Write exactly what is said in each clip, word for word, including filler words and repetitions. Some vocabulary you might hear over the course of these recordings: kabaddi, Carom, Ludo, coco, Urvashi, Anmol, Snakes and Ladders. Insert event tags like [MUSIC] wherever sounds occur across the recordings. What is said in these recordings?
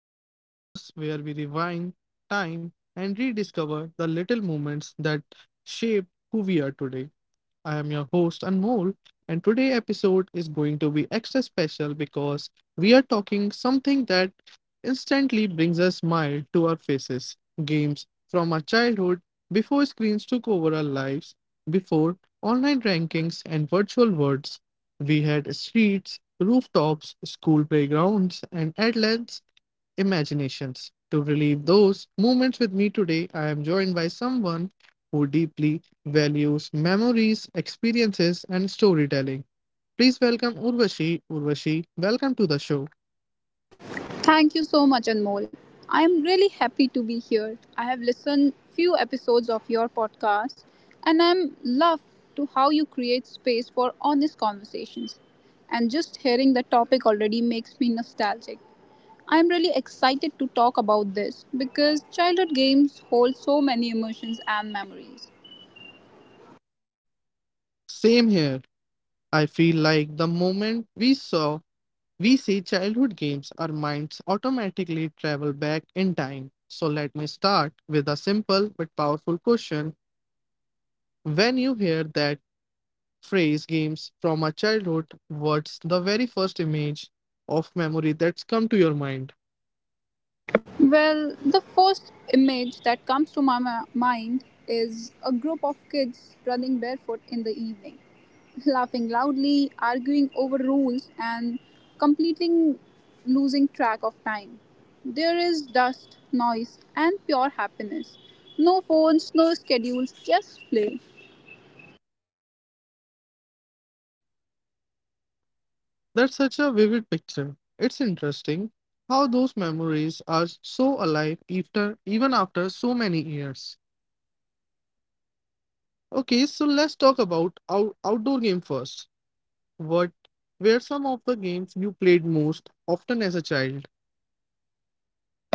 to my podcast where we rewind time and rediscover the little moments that shape who we are today. I am your host Anmol, and today episode is going to be extra special because we are talking something that instantly brings a smile to our faces. Games from our childhood, before screens took over our lives, before online rankings and virtual worlds. We had streets, rooftops, school playgrounds, and at imaginations. To relive those moments with me today, I am joined by someone who deeply values memories, experiences, and storytelling. Please welcome Urvashi. Urvashi, welcome to the show. Thank you so much, Anmol. I am really happy to be here. I have listened few episodes of your podcast, and I'm love to how you create space for honest conversations. And just hearing the topic already makes me nostalgic. I'm really excited to talk about this because childhood games hold so many emotions and memories. Same here. I feel like the moment we saw, we see childhood games, our minds automatically travel back in time. So let me start with a simple but powerful question. When you hear that phrase games from our childhood, what's the very first image of memory that's come to your mind? Well, the first image that comes to my ma- mind is a group of kids running barefoot in the evening, [LAUGHS] laughing loudly, arguing over rules, and completely losing track of time. There is dust, noise, and pure happiness. No phones, no schedules, just play. That's such a vivid picture. It's interesting how those memories are so alive after, even after so many years. Okay, so let's talk about our outdoor game first. What were some of the games you played most often as a child?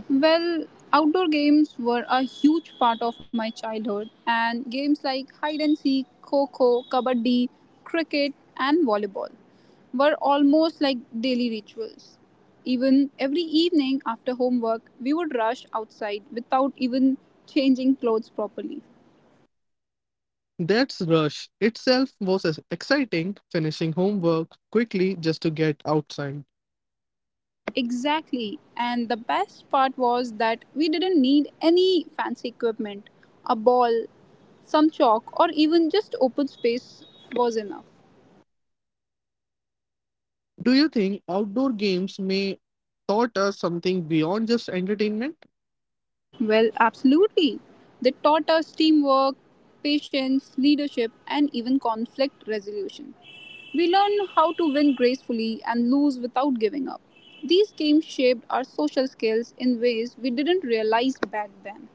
Well, outdoor games were a huge part of my childhood, and games like hide and seek, coco, kabaddi, cricket, and volleyball were almost like daily rituals. Even every evening after homework, we would rush outside without even changing clothes properly. That's Rush itself was as exciting, finishing homework quickly just to get outside. Exactly, and the best part was that we didn't need any fancy equipment. A ball, some chalk, or even just open space was enough. Do you think outdoor games may taught us something beyond just entertainment? Well, absolutely. They taught us teamwork, patience, leadership, and even conflict resolution. We learned how to win gracefully and lose without giving up. These games shaped our social skills in ways we didn't realize back then.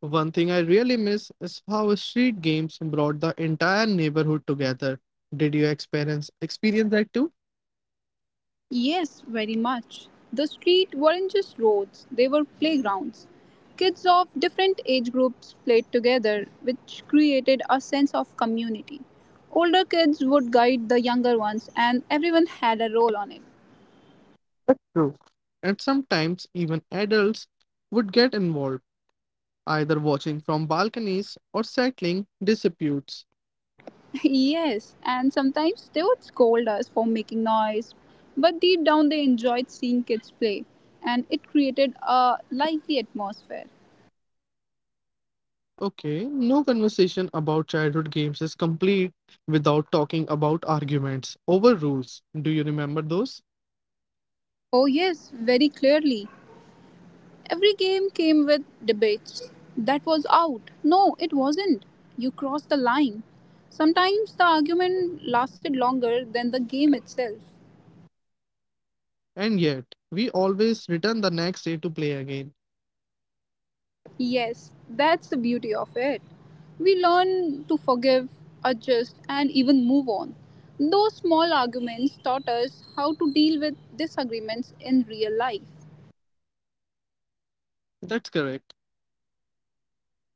One thing I really miss is how street games brought the entire neighborhood together. Did you experience experience that too? Yes, very much. The street weren't just roads, they were playgrounds. Kids of different age groups played together, which created a sense of community. Older kids would guide the younger ones, and everyone had a role on it. True. And sometimes even adults would get involved, either watching from balconies or settling disputes. [LAUGHS] Yes, and sometimes they would scold us for making noise, but deep down they enjoyed seeing kids play, and it created a lively atmosphere. Okay, no conversation about childhood games is complete without talking about arguments over rules. Do you remember those? Oh, yes, very clearly. Every game came with debates. That was out. No, it wasn't. You crossed the line. Sometimes the argument lasted longer than the game itself. And yet, we always return the next day to play again. Yes, that's the beauty of it. We learn to forgive, adjust, and even move on. Those small arguments taught us how to deal with disagreements in real life. That's correct.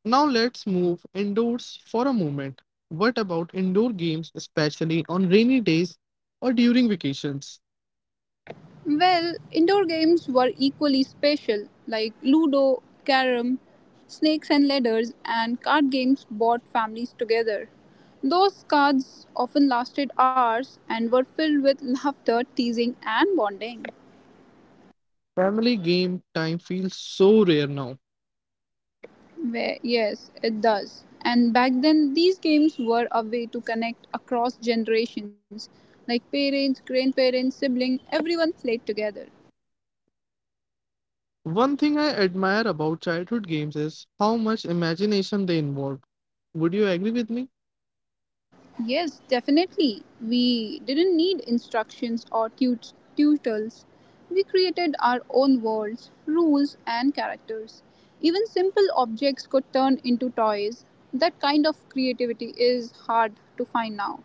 Now let's move indoors for a moment. What about indoor games, especially on rainy days or during vacations? Well, indoor games were equally special, like Ludo, Carom, Snakes and Ladders, and card games brought families together. Those cards often lasted hours and were filled with laughter, teasing, and bonding. Family game time feels so rare now. Where, yes, it does. And back then, these games were a way to connect across generations. Like parents, grandparents, siblings, everyone played together. One thing I admire about childhood games is how much imagination they involve. Would you agree with me? Yes, definitely. We didn't need instructions or tut- tutors. We created our own worlds, rules, and characters. Even simple objects could turn into toys. That kind of creativity is hard to find now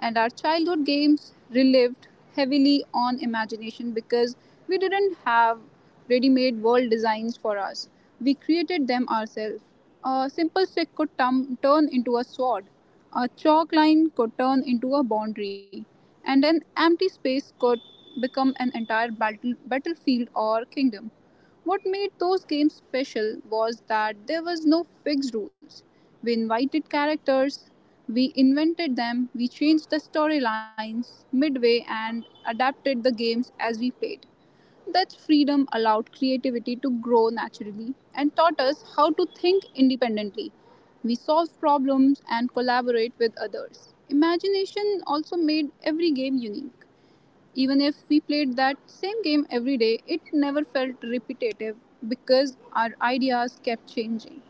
and our childhood games relived heavily on imagination because we didn't have ready made world designs for us. We created them ourselves. A simple stick could tum- turn into a sword, a chalk line could turn into a boundary, and an empty space could become an entire battle- battlefield or kingdom. What made those games special was that there was no fixed rules. We invited characters, we invented them, we changed the storylines midway and adapted the games as we played. That freedom allowed creativity to grow naturally and taught us how to think independently. We solve problems and collaborate with others. Imagination also made every game unique. Even if we played that same game every day, it never felt repetitive because our ideas kept changing.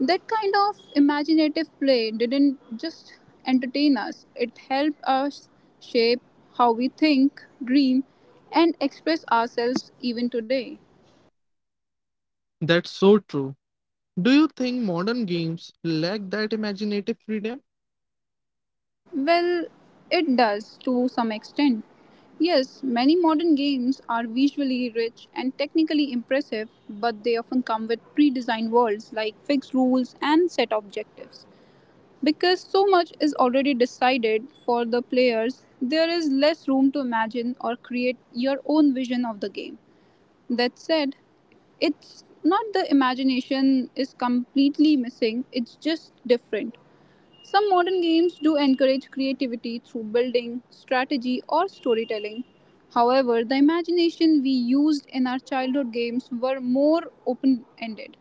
That kind of imaginative play didn't just entertain us, it helped us shape how we think, dream, and express ourselves even today. That's so true. Do you think modern games lack that imaginative freedom? Well, it does to some extent. Yes, many modern games are visually rich and technically impressive, but they often come with pre designed worlds like fixed rules and set objectives. Because so much is already decided for the players, there is less room to imagine or create your own vision of the game. That said, it's not the imagination is completely missing, it's just different. Some modern games do encourage creativity through building, strategy, or storytelling. However, the imagination we used in our childhood games were more open ended.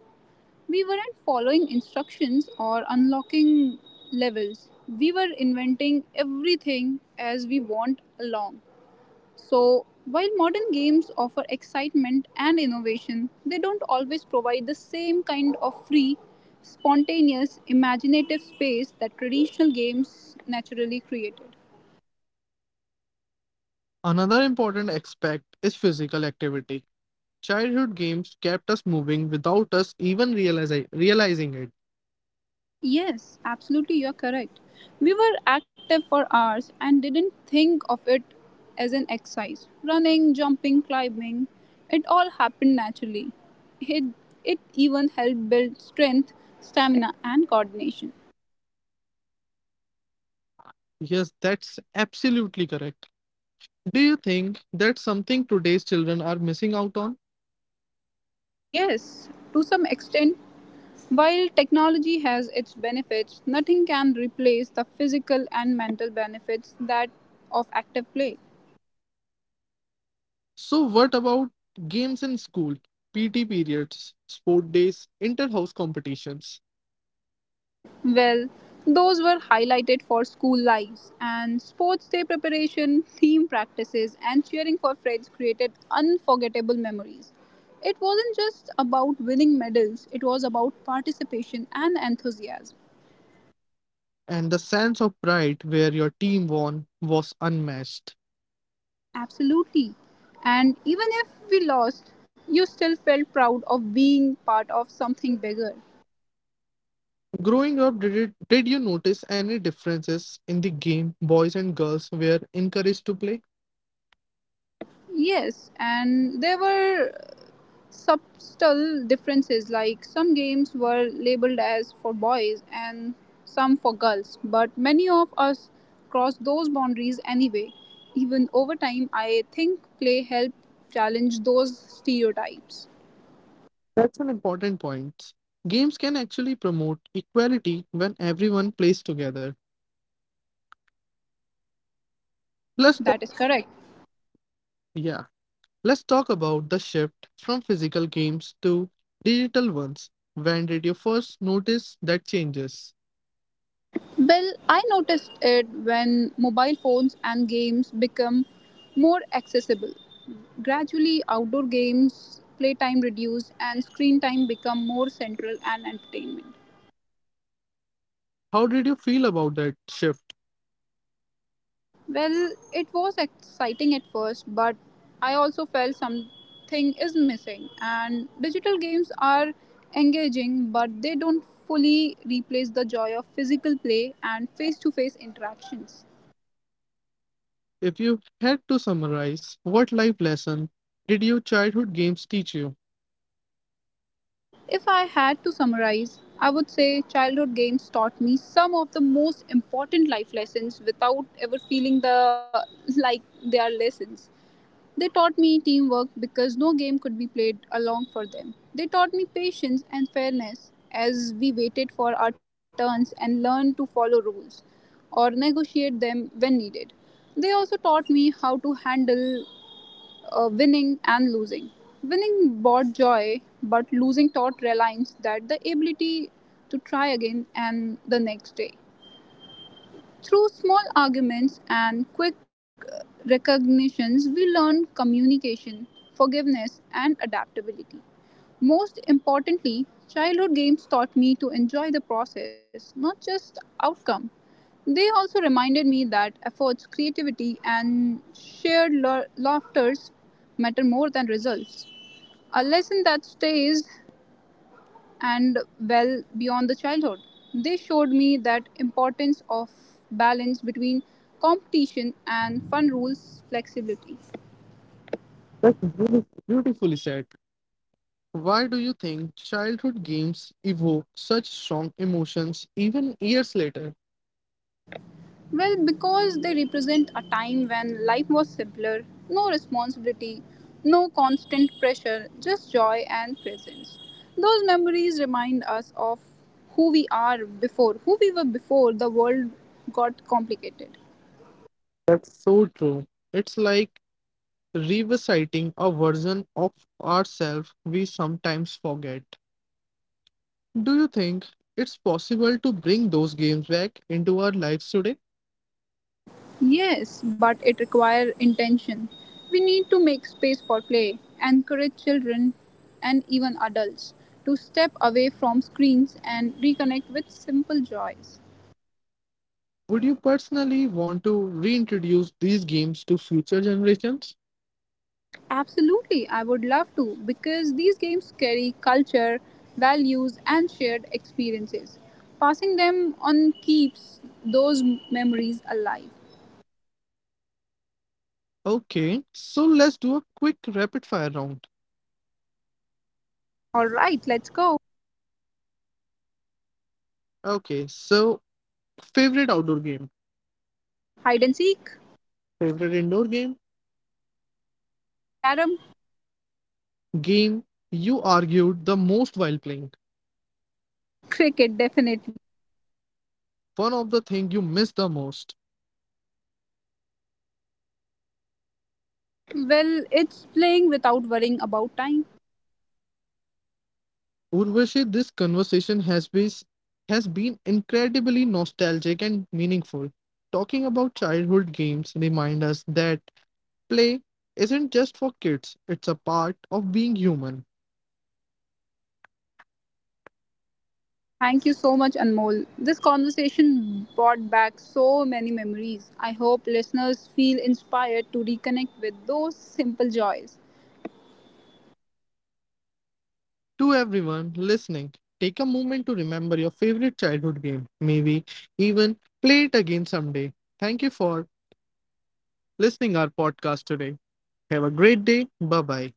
We weren't following instructions or unlocking levels, we were inventing everything as we want along. So, while modern games offer excitement and innovation, they don't always provide the same kind of free, spontaneous, imaginative space that traditional games naturally created. Another important aspect is physical activity. Childhood games kept us moving without us even realize- realizing it. Yes, absolutely, you're correct. We were active for hours and didn't think of it as an exercise. Running, jumping, climbing, it all happened naturally. It, it even helped build strength, stamina, and coordination. Yes, that's absolutely correct. Do you think that's something today's children are missing out on? Yes, to some extent, while technology has its benefits, nothing can replace the physical and mental benefits that of active play. So, what about games in school, P T periods, sport days, inter house competitions, Well, those were highlighted for school lives and sports day preparation, team practices, and cheering for friends created unforgettable memories. It wasn't just about winning medals, it was about participation and enthusiasm. and the sense of pride where your team won was unmatched? Absolutely. And even if we lost, you still felt proud of being part of something bigger. Growing up, did, it, did you notice any differences in the game boys and girls were encouraged to play? Yes, and there were subtle differences, like some games were labeled as for boys and some for girls, but many of us crossed those boundaries anyway. Even over time, I think play helped challenge those stereotypes. That's an important point. Games can actually promote equality when everyone plays together. Plus, That is correct. yeah. Let's talk about the shift from physical games to digital ones. When did you first notice that changes? Well, I noticed it when mobile phones and games become more accessible. Gradually, outdoor games, playtime reduced, and screen time become more central and entertainment. How did you feel about that shift? Well, it was exciting at first, but I also felt something is missing. And digital games are engaging, but they don't fully replace the joy of physical play and face to face interactions. If you had to summarize, what life lesson did your childhood games teach you? Well, if I had to summarize, I would say childhood games taught me some of the most important life lessons without ever feeling the like they are lessons. They taught me teamwork because no game could be played along for them. They taught me patience and fairness as we waited for our turns and learned to follow rules or negotiate them when needed. They also taught me how to handle uh, winning and losing. Winning brought joy, but losing taught Reliance that the ability to try again and the next day. Through small arguments and quick uh, recognitions, we learn communication, forgiveness, and adaptability. Most importantly, childhood games taught me to enjoy the process, not just outcome. They also reminded me that efforts, creativity, and shared la- laughters matter more than results. A lesson that stays and well beyond the childhood. They showed me that importance of balance between competition and fun rules flexibility. That's beauti- beautifully said. Why do you think childhood games evoke such strong emotions even years later? Well, because they represent a time when life was simpler, no responsibility, no constant pressure, just joy and presence. Those memories remind us of who we are before, who we were before the world got complicated. That's so true. It's like revisiting a version of ourselves we sometimes forget. Do you think it's possible to bring those games back into our lives today? Yes, but it requires intention. We need to make space for play, encourage children and even adults to step away from screens and reconnect with simple joys. Would you personally want to reintroduce these games to future generations? Absolutely, I would love to because these games carry culture, values, and shared experiences. Passing them on keeps those memories alive. Okay, so let's do a quick rapid fire round. All right, let's go. Okay, so favorite outdoor game, Hide and seek, favorite indoor game, carom, game you argued the most while playing, [LAUGHS] cricket, definitely. one of the thing you miss the most. Well, it's playing without worrying about time. Urvashi, this conversation has been, has been incredibly nostalgic and meaningful. Talking about childhood games remind us that play isn't just for kids, it's a part of being human. Thank you so much, Anmol. This conversation brought back so many memories. I hope listeners feel inspired to reconnect with those simple joys. To everyone listening, take a moment to remember your favorite childhood game. Maybe even play it again someday. Thank you for listening our podcast today. Have a great day. Bye bye.